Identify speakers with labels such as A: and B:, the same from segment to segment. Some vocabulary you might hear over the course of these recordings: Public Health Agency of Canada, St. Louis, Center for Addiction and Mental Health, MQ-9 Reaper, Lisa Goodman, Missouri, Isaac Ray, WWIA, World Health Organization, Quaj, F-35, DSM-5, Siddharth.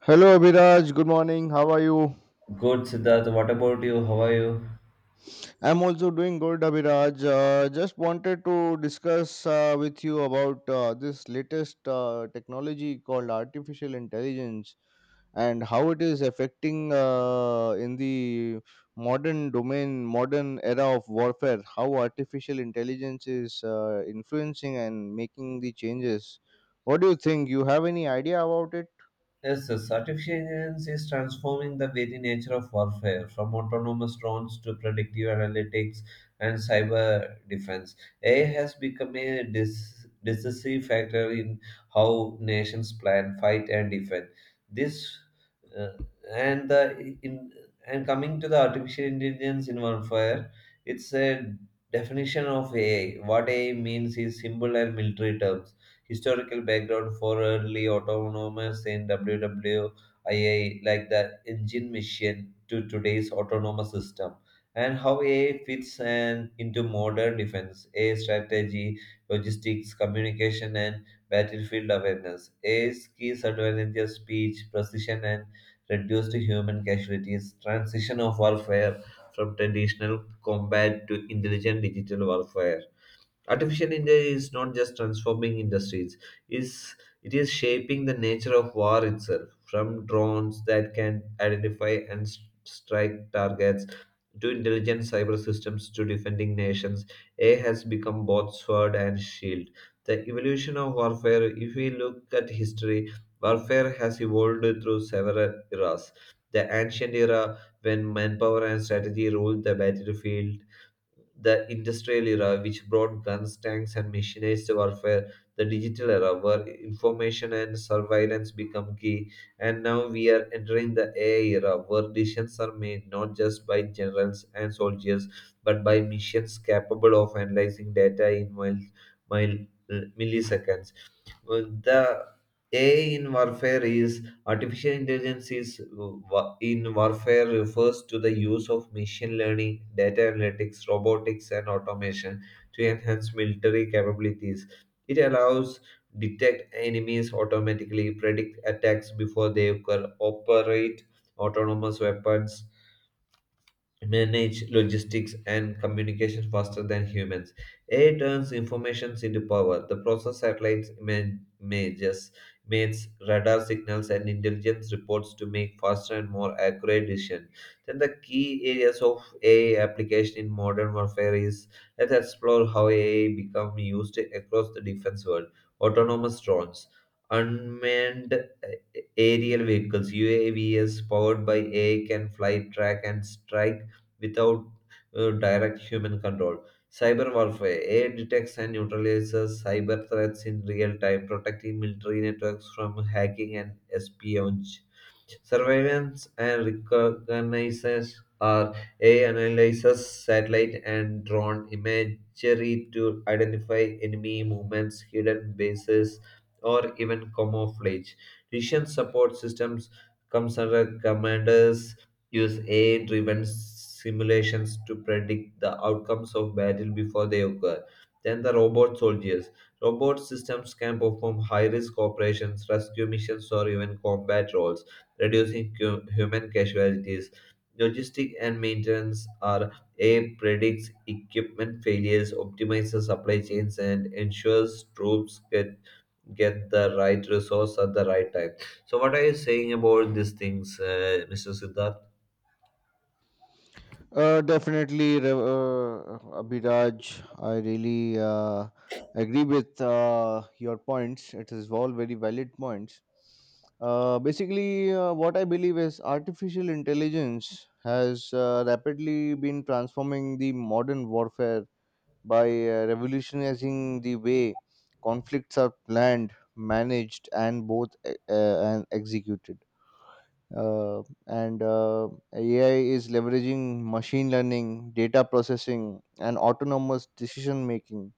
A: Hello, Abhiraj. Good morning. How are you?
B: Good, Siddharth. What about you? How are you?
A: I'm also doing good, Abhiraj. Just wanted to discuss with you about this latest technology called artificial intelligence and how it is affecting in the modern domain, modern era of warfare, how artificial intelligence is influencing and making the changes. What do you think? You have any idea about it?
B: Yes. Artificial intelligence is transforming the very nature of warfare, from autonomous drones to predictive analytics and cyber defense. AI has become a decisive factor in how nations plan, fight, and defend. This uh, and the in and Coming to the artificial intelligence in warfare, it's a definition of AI. What AI means is simple and military terms, historical background for early autonomous in WWIA, like the engine mission to today's autonomous system, and how AI fits and into modern defense, AI strategy, logistics, communication, and battlefield awareness. AI's key advantages, speech, precision, and reduced human casualties, transition of warfare from traditional combat to intelligent digital warfare. Artificial intelligence is not just transforming industries, is it is shaping the nature of war itself, from drones that can identify and strike targets to intelligent cyber systems to defending nations. AI has become both sword and shield. The evolution of warfare, if we look at history, warfare has evolved through several eras. The ancient era, when manpower and strategy ruled the battlefield, the industrial era, which brought guns, tanks, and mechanized warfare, the digital era, where information and surveillance become key, and now we are entering the AI era, where decisions are made not just by generals and soldiers, but by machines capable of analyzing data in mil- milliseconds. Uh, the A in warfare is artificial intelligence in warfare refers to the use of machine learning, data analytics, robotics, and automation to enhance military capabilities. It allows detect enemies automatically, predict attacks before they occur, operate autonomous weapons, manage logistics and communication faster than humans. AI turns information into power. The process satellites images, mates, radar signals, and intelligence reports to make faster and more accurate decisions. Then the key areas of AI application in modern warfare is let's explore how AI become used across the defense world. Autonomous drones, unmanned aerial vehicles (UAVs) powered by AI can fly, track, and strike without direct human control. Cyber warfare, AI detects and neutralizes cyber threats in real time, protecting military networks from hacking and espionage. Surveillance and reconnaissance are AI analyzes satellite and drone imagery to identify enemy movements, hidden bases, or even camouflage. Decision support systems comes under commanders use AI-driven simulations to predict the outcomes of battle before they occur. Then the robot soldiers. Robot systems can perform high risk operations, rescue missions, or even combat roles reducing human casualties. Logistic and maintenance are A predicts equipment failures, optimizes supply chains, and ensures get the right resource at the right time. So, what are you saying about these things, Mr. Siddharth?
A: Definitely, Abhiraj. I really agree with your points. It is all very valid points. Basically, what I believe is artificial intelligence has rapidly been transforming the modern warfare by revolutionizing the way conflicts are planned, managed, and both and executed, and AI is leveraging machine learning, data processing, and autonomous decision making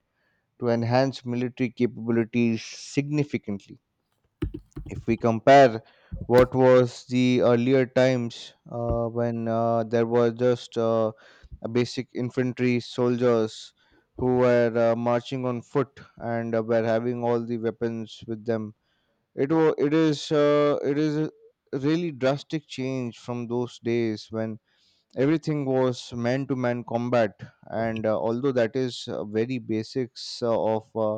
A: to enhance military capabilities significantly. If we compare what was the earlier times, when there were just a basic infantry soldiers who were marching on foot and were having all the weapons with them, it is a really drastic change from those days when everything was man to man combat. And although that is very basics of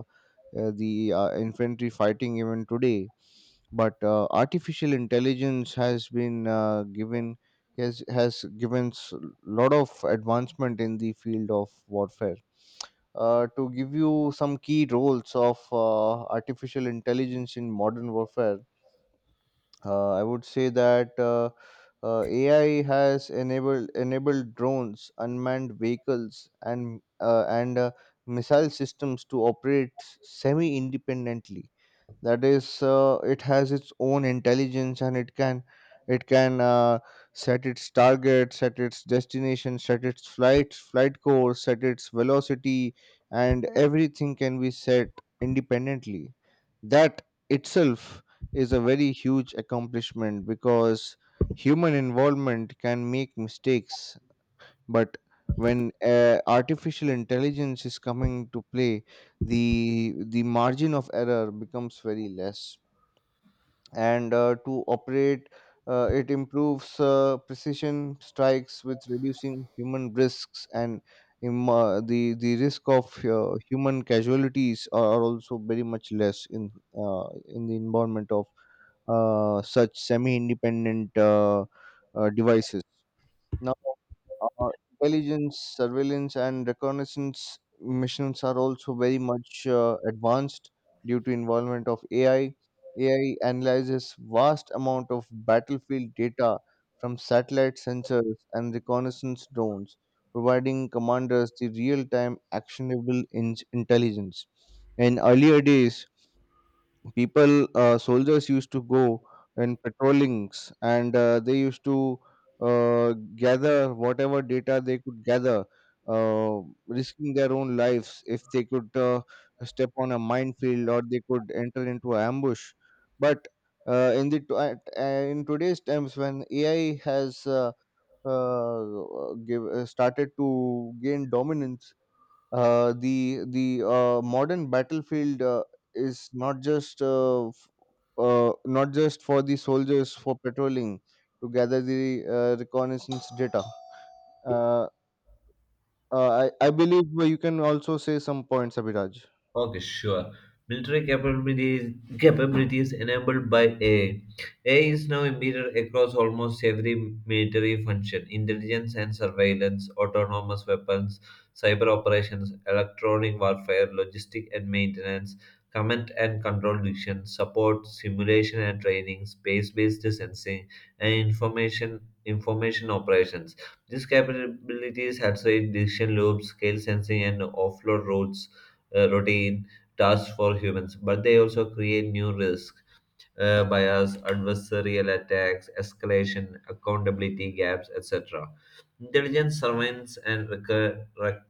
A: the infantry fighting even today, but artificial intelligence has been given has given s- lot of advancement in the field of warfare. To give you some key roles of artificial intelligence in modern warfare, I would say that AI has enabled drones, unmanned vehicles, and missile systems to operate semi independently. That is, it has its own intelligence and it can set its target, set its destination, set its flight course, set its velocity, and everything can be set independently. That itself is a very huge accomplishment because human involvement can make mistakes, but when artificial intelligence is coming to play, the margin of error becomes very less. And to operate, it improves precision strikes with reducing human risks, and the risk of human casualties are also very much less in in the environment of such semi independent devices. Now, uh, intelligence, surveillance, and reconnaissance missions are also very much advanced due to involvement of AI. AI analyzes vast amount of battlefield data from satellite sensors and reconnaissance drones, providing commanders the real-time actionable intelligence. In earlier days, people soldiers used to go in patrollings, and they used to gather whatever data they could gather, uh, risking their own lives if they could step on a minefield or they could enter into an ambush. But in the t- at- in today's times, when AI has started to gain dominance, the modern battlefield is not just not just for the soldiers for patrolling to gather the reconnaissance data. Uh, I believe you can also say some points, Abhiraj.
B: Okay, sure. Military capabilities enabled by AI. AI is now embedded across almost every military function intelligence and surveillance, autonomous weapons, cyber operations, electronic warfare, logistic and maintenance, command and control diction, support, simulation and training, space based sensing, and information operations. These capabilities have accelerate decision loops, scale sensing, and offload routes routine tasks for humans, but they also create new risks, bias, adversarial attacks, escalation, accountability gaps, etc. Intelligence surveillance and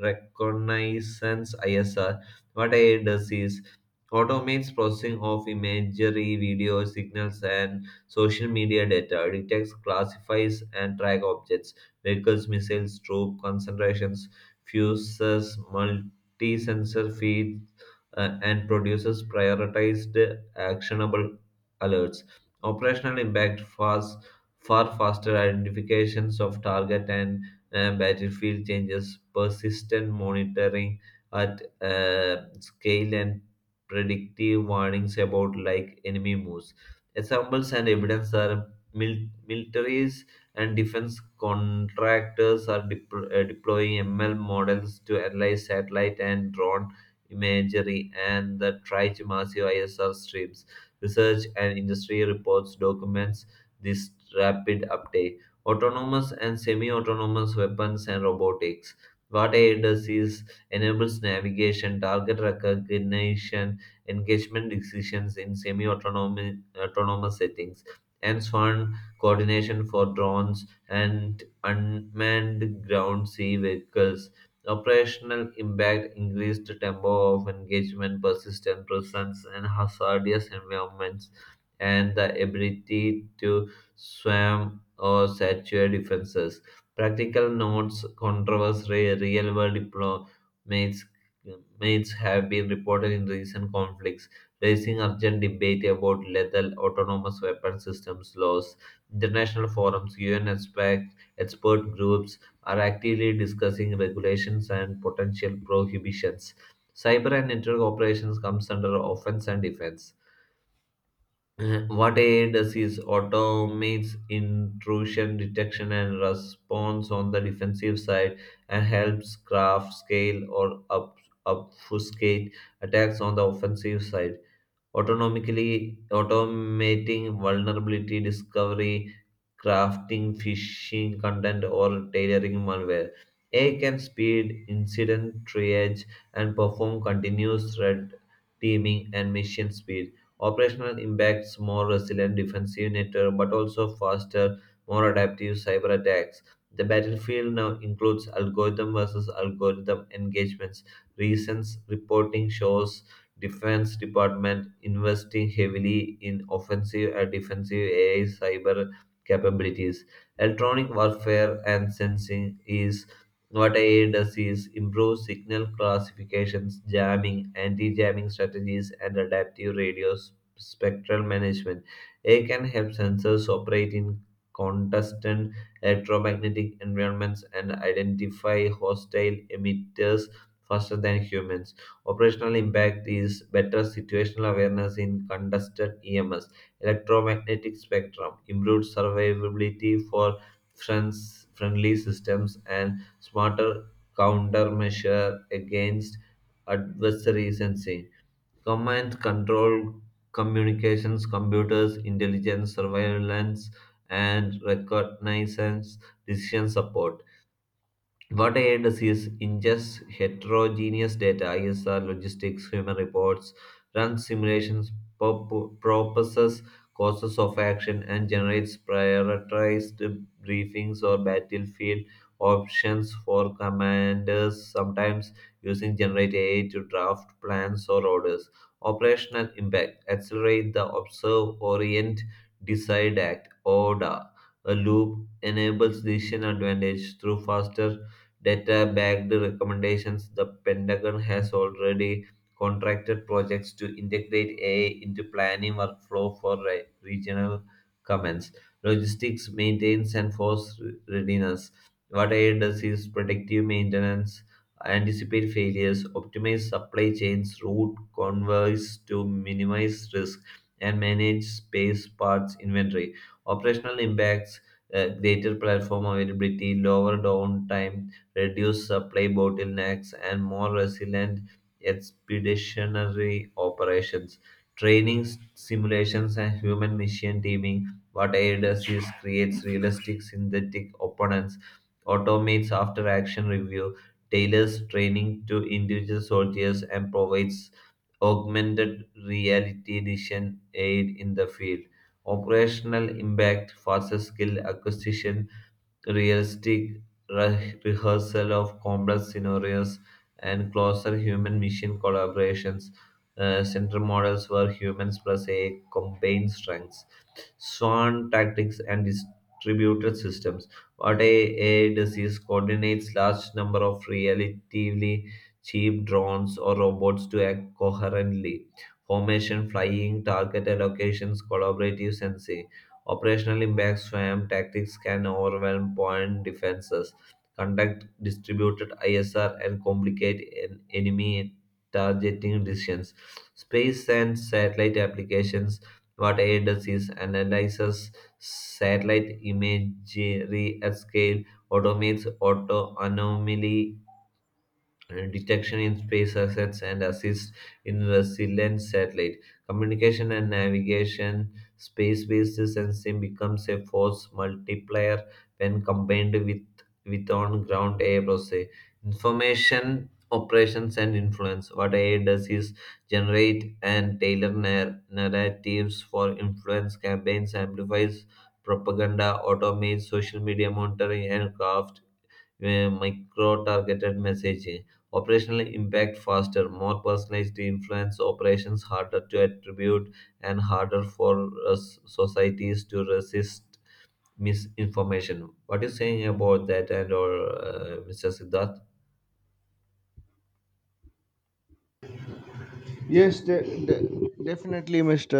B: reconnaissance ISR. What AI does is automates processing of imagery, video signals, and social media data, detects, classifies, and track objects, vehicles, missiles, troop concentrations, fuses, multi-sensor feeds, and produces prioritized actionable alerts. Operational impact fast, far faster identifications of target and battlefield changes, persistent monitoring at scale, and predictive warnings about like enemy moves. Examples and evidence are militaries and defense contractors are deploying ML models to analyze satellite and drone imagery, and the track massive ISR streams. Research and industry reports documents this rapid update. Autonomous and semi-autonomous weapons and robotics. What AI does is enables navigation, target recognition, engagement decisions in semi-autonomous settings, and swarm coordination for drones and unmanned ground sea vehicles. Operational impact increased tempo of engagement, persistent presence, and hazardous environments and the ability to swim or saturate defenses. Practical notes, controversy, real world diplomates mates have been reported in recent conflicts, raising urgent debate about lethal autonomous weapon systems laws. International forums, UN expect, expert groups are actively discussing regulations and potential prohibitions. Cyber and network operations comes under offense and defense. What AI does is automates intrusion detection and response on the defensive side and helps craft, scale, or obfuscate attacks on the offensive side autonomically automating vulnerability discovery, crafting phishing content, or tailoring malware. AI can speed incident triage and perform continuous threat teaming and mission speed. Operational impacts more resilient defensive network, but also faster, more adaptive cyber attacks. The battlefield now includes algorithm versus algorithm engagements. Recent reporting shows defense department investing heavily in offensive and defensive AI cyber capabilities. Electronic warfare and sensing is what AI does is improve signal classifications, jamming, anti-jamming strategies, and adaptive radio spectral management. AI can help sensors operate in contestant electromagnetic environments and identify hostile emitters faster than humans. Operational impact is better situational awareness in contested EMS, electromagnetic spectrum, improved survivability for friends, friendly systems, and smarter countermeasure against adversaries and sensing. Command control communications, computers, intelligence, surveillance, and recognizance, decision support what I does is ingests heterogeneous data, ISR, logistics, human reports, runs simulations, pop- proposes courses of action, and generates prioritized briefings or battlefield options for commanders, sometimes using generate AI to draft plans or orders. Operational impact accelerate the observe, orient, decide, act, order. A loop enables decision advantage through faster data backed recommendations, the Pentagon has already contracted projects to integrate AI into planning workflow for regional commands. Logistics maintenance, and force readiness. What AI does is predictive maintenance, anticipate failures, optimize supply chains, route convoys to minimize risk, and manage space parts inventory. Operational impacts greater platform availability, lower downtime reduce supply bottlenecks, and more resilient expeditionary operations. Training simulations and human machine teaming. What AI does is creates realistic synthetic opponents, automates after action review, tailors training to individual soldiers, and provides augmented reality vision aid in the field. Operational impact, faster skill acquisition, realistic rehearsal of complex scenarios and closer human machine collaborations. Central models were humans plus a combined strengths swan tactics, and distributed systems. What AI does is coordinates large number of relatively cheap drones or robots to act coherently. Formation, flying, target allocations, collaborative sensing. Operational impact SWAM tactics can overwhelm point defenses, conduct distributed ISR, and complicate enemy targeting decisions. Space and satellite applications what AI does is analyzes satellite imagery at scale, automates auto anomaly detection in space assets and assist in resilient satellite communication and navigation space-based sensing becomes a force multiplier when combined with on-ground AI process information operations and influence what AI does is generate and tailor narratives for influence campaigns amplifies propaganda automates social media monitoring and craft micro-targeted messaging, operational impact faster, more personalized influence operations harder to attribute and harder for societies to resist misinformation. What are you saying about that and or Mr. Siddharth?
A: Yes, definitely, Mr.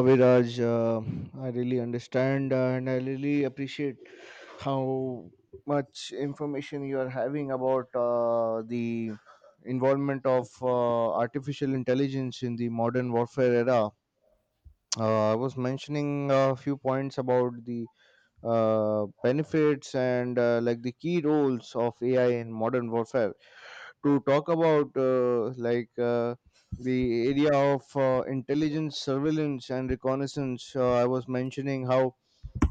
A: Abhiraj. I really understand and I really appreciate how much information you are having about the involvement of artificial intelligence in the modern warfare era. I was mentioning a few points about the benefits and, like, the key roles of AI in modern warfare. To talk about, like, the area of intelligence, surveillance, and reconnaissance, I was mentioning how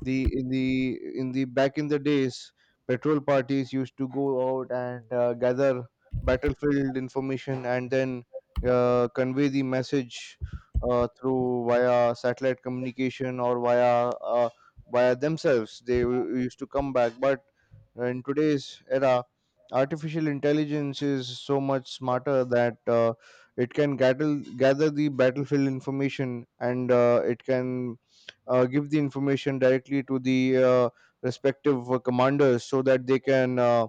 A: the in the in the back in the days patrol parties used to go out and gather battlefield information and then convey the message through via satellite communication or via uh, via themselves, they used to come back. But in today's era, artificial intelligence is so much smarter that it can gather the battlefield information, and it can give the information directly to the respective commanders so that they can uh,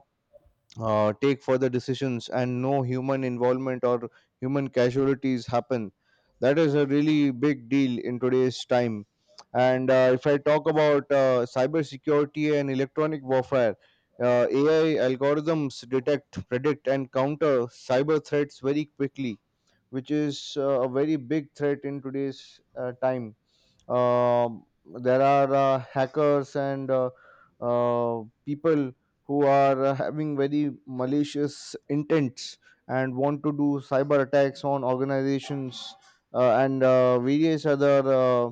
A: uh, take further decisions and no human involvement or human casualties happen. That is a really big deal in today's time. And if I talk about cybersecurity and electronic warfare, AI algorithms detect, predict, and counter cyber threats very quickly, which is a very big threat in today's time. Um, there are hackers and people who are having very malicious intents and want to do cyber attacks on organizations and various other uh,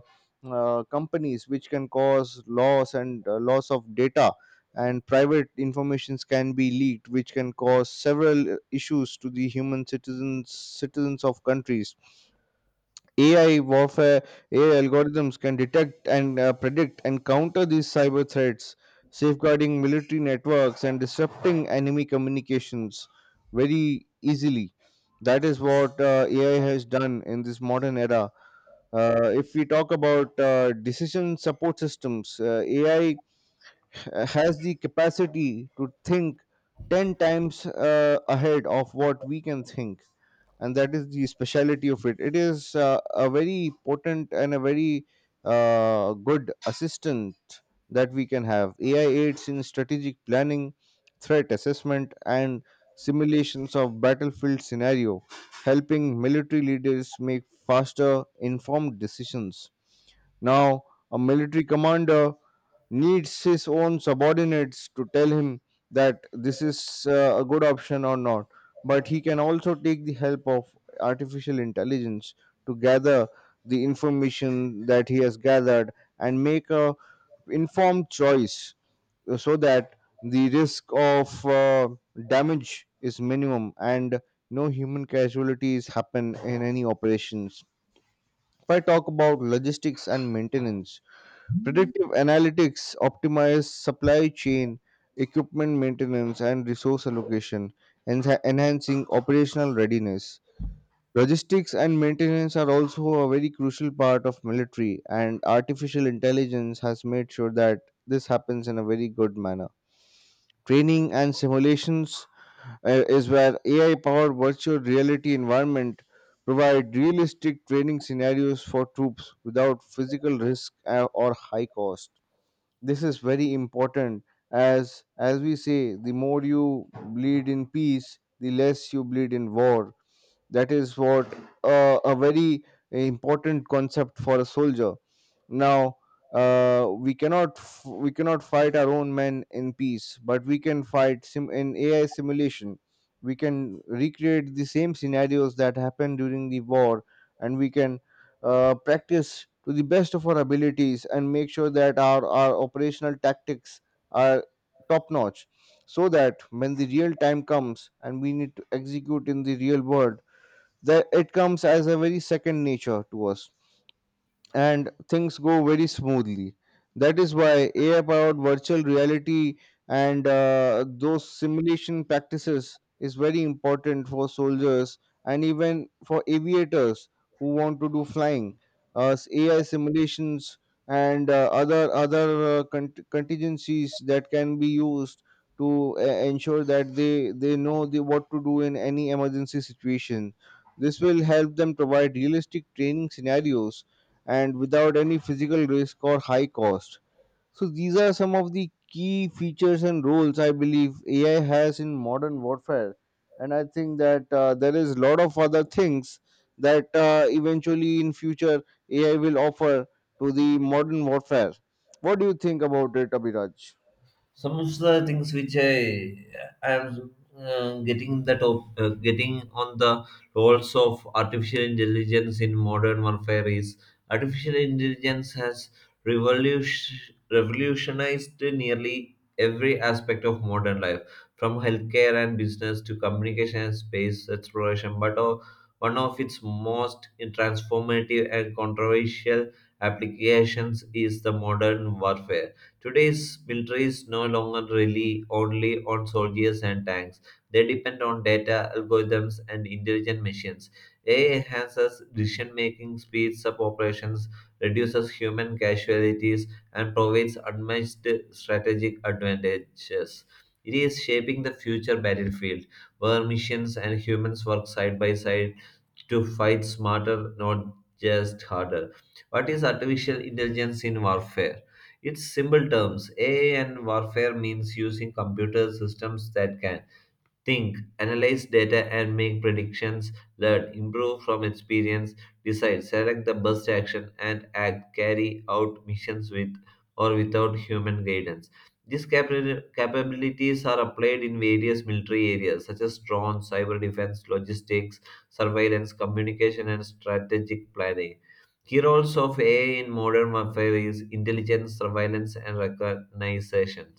A: uh, companies, which can cause loss and loss of data, and private informations can be leaked, which can cause several issues to the human citizens of countries. AI warfare, AI algorithms can detect and predict and counter these cyber threats, safeguarding military networks and disrupting enemy communications very easily. That is what AI has done in this modern era. If we talk about decision support systems, AI has the capacity to think 10 times ahead of what we can think, and that is the speciality of it. It is a very potent and a very good assistant that we can have. AI aids in strategic planning, threat assessment, and simulations of battlefield scenario, helping military leaders make faster informed decisions. Now, a military commander needs his own subordinates to tell him that this is a good option or not, but he can also take the help of artificial intelligence to gather the information that he has gathered and make a informed choice, so that the risk of damage is minimum and no human casualties happen in any operations. If I talk about logistics and maintenance, predictive analytics optimize supply chain, equipment maintenance, and resource allocation, enhancing operational readiness. Logistics and maintenance are also a very crucial part of military, and artificial intelligence has made sure that this happens in a very good manner. Training and simulations uh, is where AI powered virtual reality environment provide realistic training scenarios for troops without physical risk or high cost. This is very important, as we say, the more you bleed in peace, the less you bleed in war. That is what a very important concept for a soldier. Now, we cannot fight our own men in peace, but we can fight in AI simulation. We can recreate the same scenarios that happened during the war, and we can practice to the best of our abilities, and make sure that our operational tactics are top notch, so that when the real time comes and we need to execute in the real world, that it comes as a very second nature to us and things go very smoothly. That is why AI powered virtual reality and those simulation practices is very important for soldiers and even for aviators who want to do flying. AI simulations and other contingencies that can be used to ensure that they know the, what to do in any emergency situation. This will help them provide realistic training scenarios and without any physical risk or high cost. So these are some of the key features and roles I believe AI has in modern warfare. And I think that there is a lot of other things that eventually in future AI will offer to the modern warfare. What do you think about it, Abhiraj?
B: Some of the things which I am getting that getting on the roles of artificial intelligence in modern warfare is artificial intelligence has revolutionized nearly every aspect of modern life, from healthcare and business to communication and space exploration. But one of its most transformative and controversial applications is the modern warfare. Today's militaries no longer rely only on soldiers and tanks. They depend on data, algorithms, and intelligent machines. AI enhances decision making, speeds up operations, reduces human casualties, and provides unmatched strategic advantages. It is shaping the future battlefield where missions and humans work side by side to fight smarter, not just harder. What is artificial intelligence in warfare? It's simple terms. AI and warfare means using computer systems that can think, analyze data and make predictions, learn, improve from experience, decide, select the best action and act, carry out missions with or without human guidance. These capabilities are applied in various military areas such as drones, cyber defense, logistics, surveillance, communication, and strategic planning. Key roles of AI in modern warfare is intelligence, surveillance, and recognition.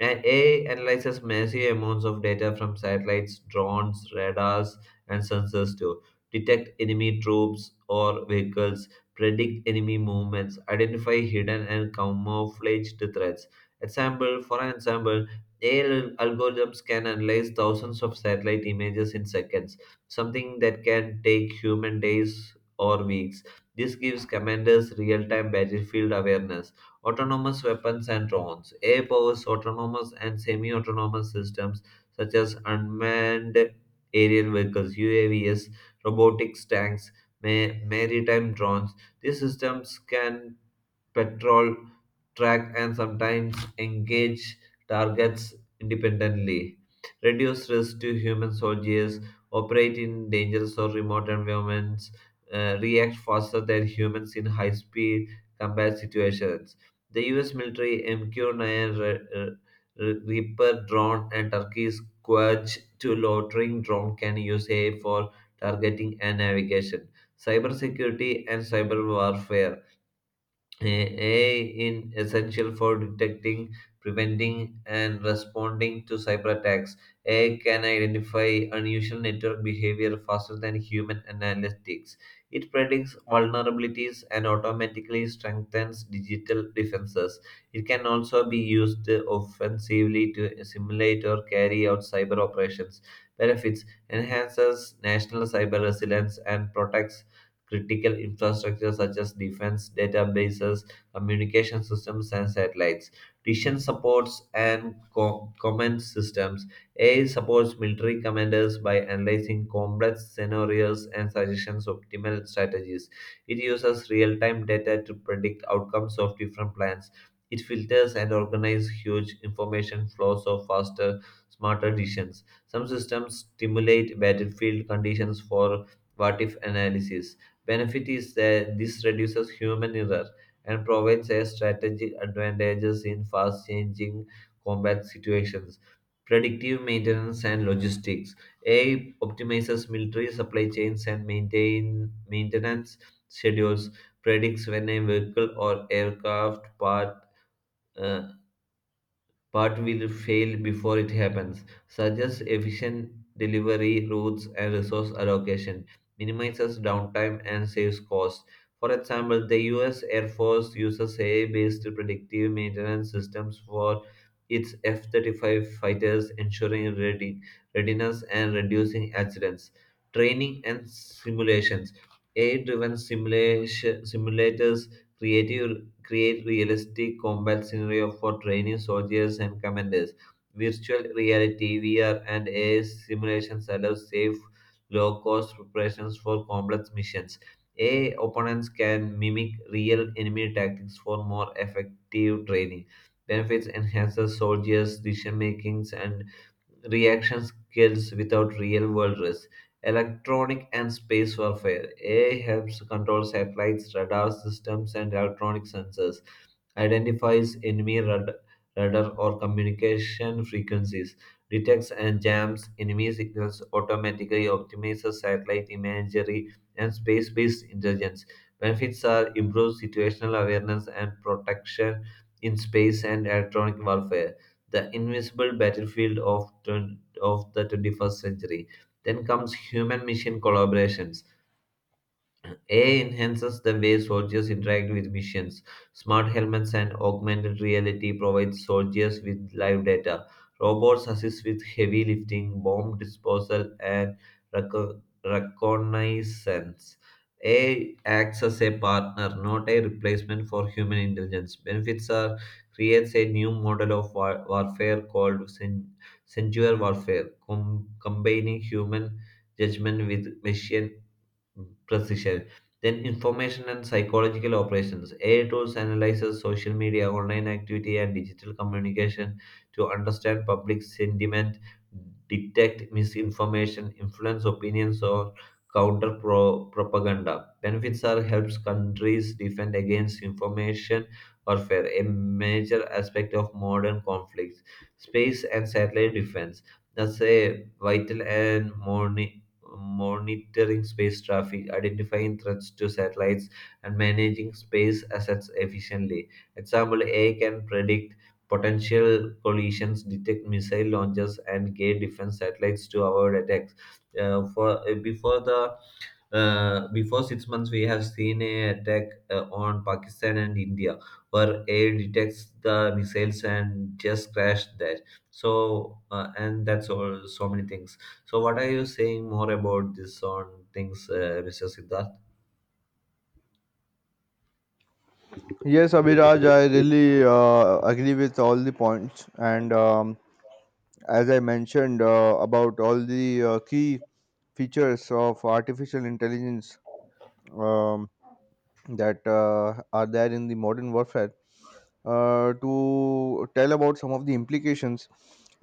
B: And AI analyzes massive amounts of data from satellites, drones, radars, and sensors to detect enemy troops or vehicles, predict enemy movements, identify hidden and camouflaged threats. For an example, AI algorithms can analyze thousands of satellite images in seconds, something that can take human days or weeks. This gives commanders real-time battlefield awareness. Autonomous weapons and drones. AI powers autonomous and semi autonomous systems such as unmanned aerial vehicles, UAVs, robotics tanks, maritime drones. These systems can patrol track and sometimes engage targets independently, reduce risk to human soldiers, operate in dangerous or remote environments, react faster than humans in high speed combat situations. The US military MQ-9 Reaper drone and Turkey's Quaj to loitering drone can use AI for targeting and navigation. Cybersecurity and cyber warfare: AI in essential for detecting, preventing, and responding to cyber attacks. AI can identify unusual network behavior faster than human analytics. It predicts vulnerabilities and automatically strengthens digital defenses. It can also be used offensively to simulate or carry out cyber operations. Benefits: enhances national cyber resilience and protects critical infrastructure such as defense, databases, communication systems, and satellites. Decision supports and command systems. AI supports military commanders by analyzing complex scenarios and suggestions optimal strategies. It uses real-time data to predict outcomes of different plans. It filters and organizes huge information flows of faster, smarter decisions. Some systems stimulate battlefield conditions for what if analysis. Benefit is that this reduces human error and provides a strategic advantages in fast changing combat situations. Predictive maintenance and logistics. AI optimizes military supply chains and maintain maintenance schedules, predicts when a vehicle or aircraft uh, Part will fail before it happens. Such as efficient delivery routes and resource allocation, minimizes downtime and saves costs. For example, the US Air Force uses AI based predictive maintenance systems for its F 35 fighters, ensuring readiness and reducing accidents. Training and simulations. AI driven simulators, creative create realistic combat scenario for training soldiers and commanders. Virtual reality (VR) and AI simulations allow safe, low-cost preparations for complex missions. AI opponents can mimic real enemy tactics for more effective training. Benefits: enhances soldiers' decision makings and reaction skills without real-world risk. Electronic and space warfare. AI helps control satellites, radar systems, and electronic sensors, identifies enemy radar or communication frequencies, detects and jams enemy signals, automatically optimizes satellite imagery and space based intelligence. Benefits are improved situational awareness and protection in space and electronic warfare, the invisible battlefield of the 21st century. Then comes human mission collaborations. AI enhances the way soldiers interact with missions. Smart helmets and augmented reality provide soldiers with live data. Robots assist with heavy lifting, bomb disposal, and reconnaissance. AI acts as a partner, not a replacement for human intelligence. Benefits are creates a new model of warfare called sensual warfare, combining human judgment with machine precision. Then information and psychological operations. AI tools analyzes social media, online activity, and digital communication to understand public sentiment, detect misinformation, influence opinions, or counter propaganda. Benefits are helps countries defend against information warfare, a major aspect of modern conflicts. Space and satellite defense. That's a vital and modern monitoring space traffic, identifying threats to satellites, and managing space assets efficiently. Example: AI can predict potential collisions, detect missile launches, and guide defense satellites to avoid attacks. For before the Before 6 months, we have seen a attack on Pakistan and India, where air detects the missiles and just crashed that. And that's all. So many things. So, what are you saying more about this on things, Mr. Siddharth?
A: Yes, Abhiraj, I really agree with all the points, and as I mentioned about all the key features of artificial intelligence, um, that are there in the modern warfare. To tell about some of the implications,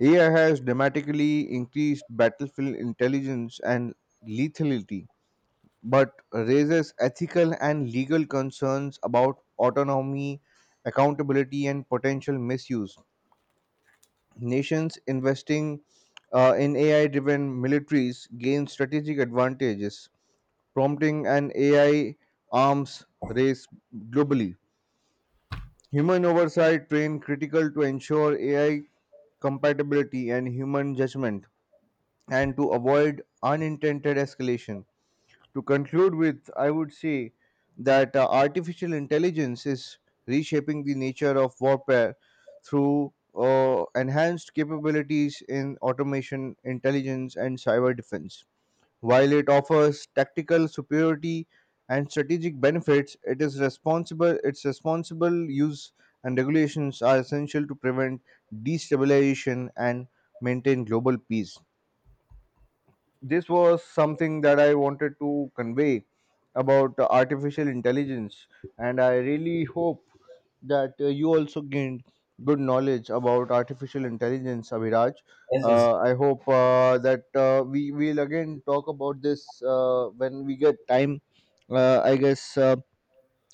A: AI has dramatically increased battlefield intelligence and lethality, but raises ethical and legal concerns about autonomy, accountability, and potential misuse. Nations investing in AI driven militaries gain strategic advantages, prompting an AI arms race globally. Human oversight train critical to ensure AI compatibility and human judgment, and to avoid unintended escalation. To conclude with, I would say that artificial intelligence is reshaping the nature of warfare through enhanced capabilities in automation, intelligence, and cyber defense. While it offers tactical superiority and strategic benefits, it is responsible. Its responsible use and regulations are essential to prevent destabilization and maintain global peace. This was something that I wanted to convey about artificial intelligence, and I really hope that you also gained good knowledge about artificial intelligence, Abhiraj.
B: Yes, yes.
A: I hope that we will again talk about this when we get time. I guess.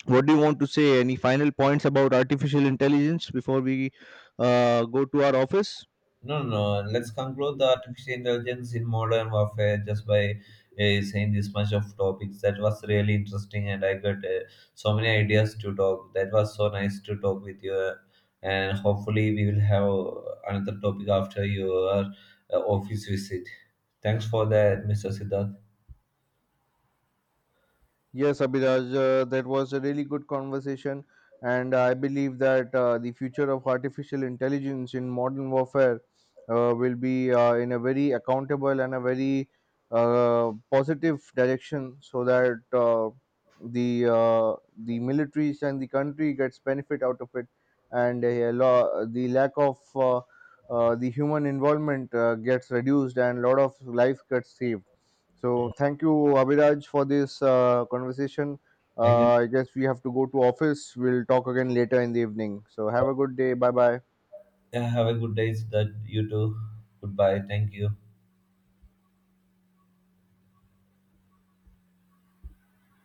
A: What do you want to say? Any final points about artificial intelligence before we go to our office?
B: No, no, no. Let's conclude the artificial intelligence in modern warfare just by saying this much of topics. That was really interesting, and I got so many ideas to talk. That was so nice to talk with you, and hopefully we will have another topic after your office visit. Thanks for that, Mr. Siddharth.
A: Yes, Abhiraj, that was a really good conversation, and I believe that the future of artificial intelligence in modern warfare will be in a very accountable and a very positive direction, so that the militaries and the country gets benefit out of it, and the lack of the human involvement gets reduced, and a lot of life gets saved. So thank you, Abhiraj, for this conversation.
B: Thank you.
A: I guess we have to go to office. We'll talk again later in the evening. So have a good day. Bye bye.
B: Yeah, have a good day, Siddharth. You too. Goodbye. Thank you.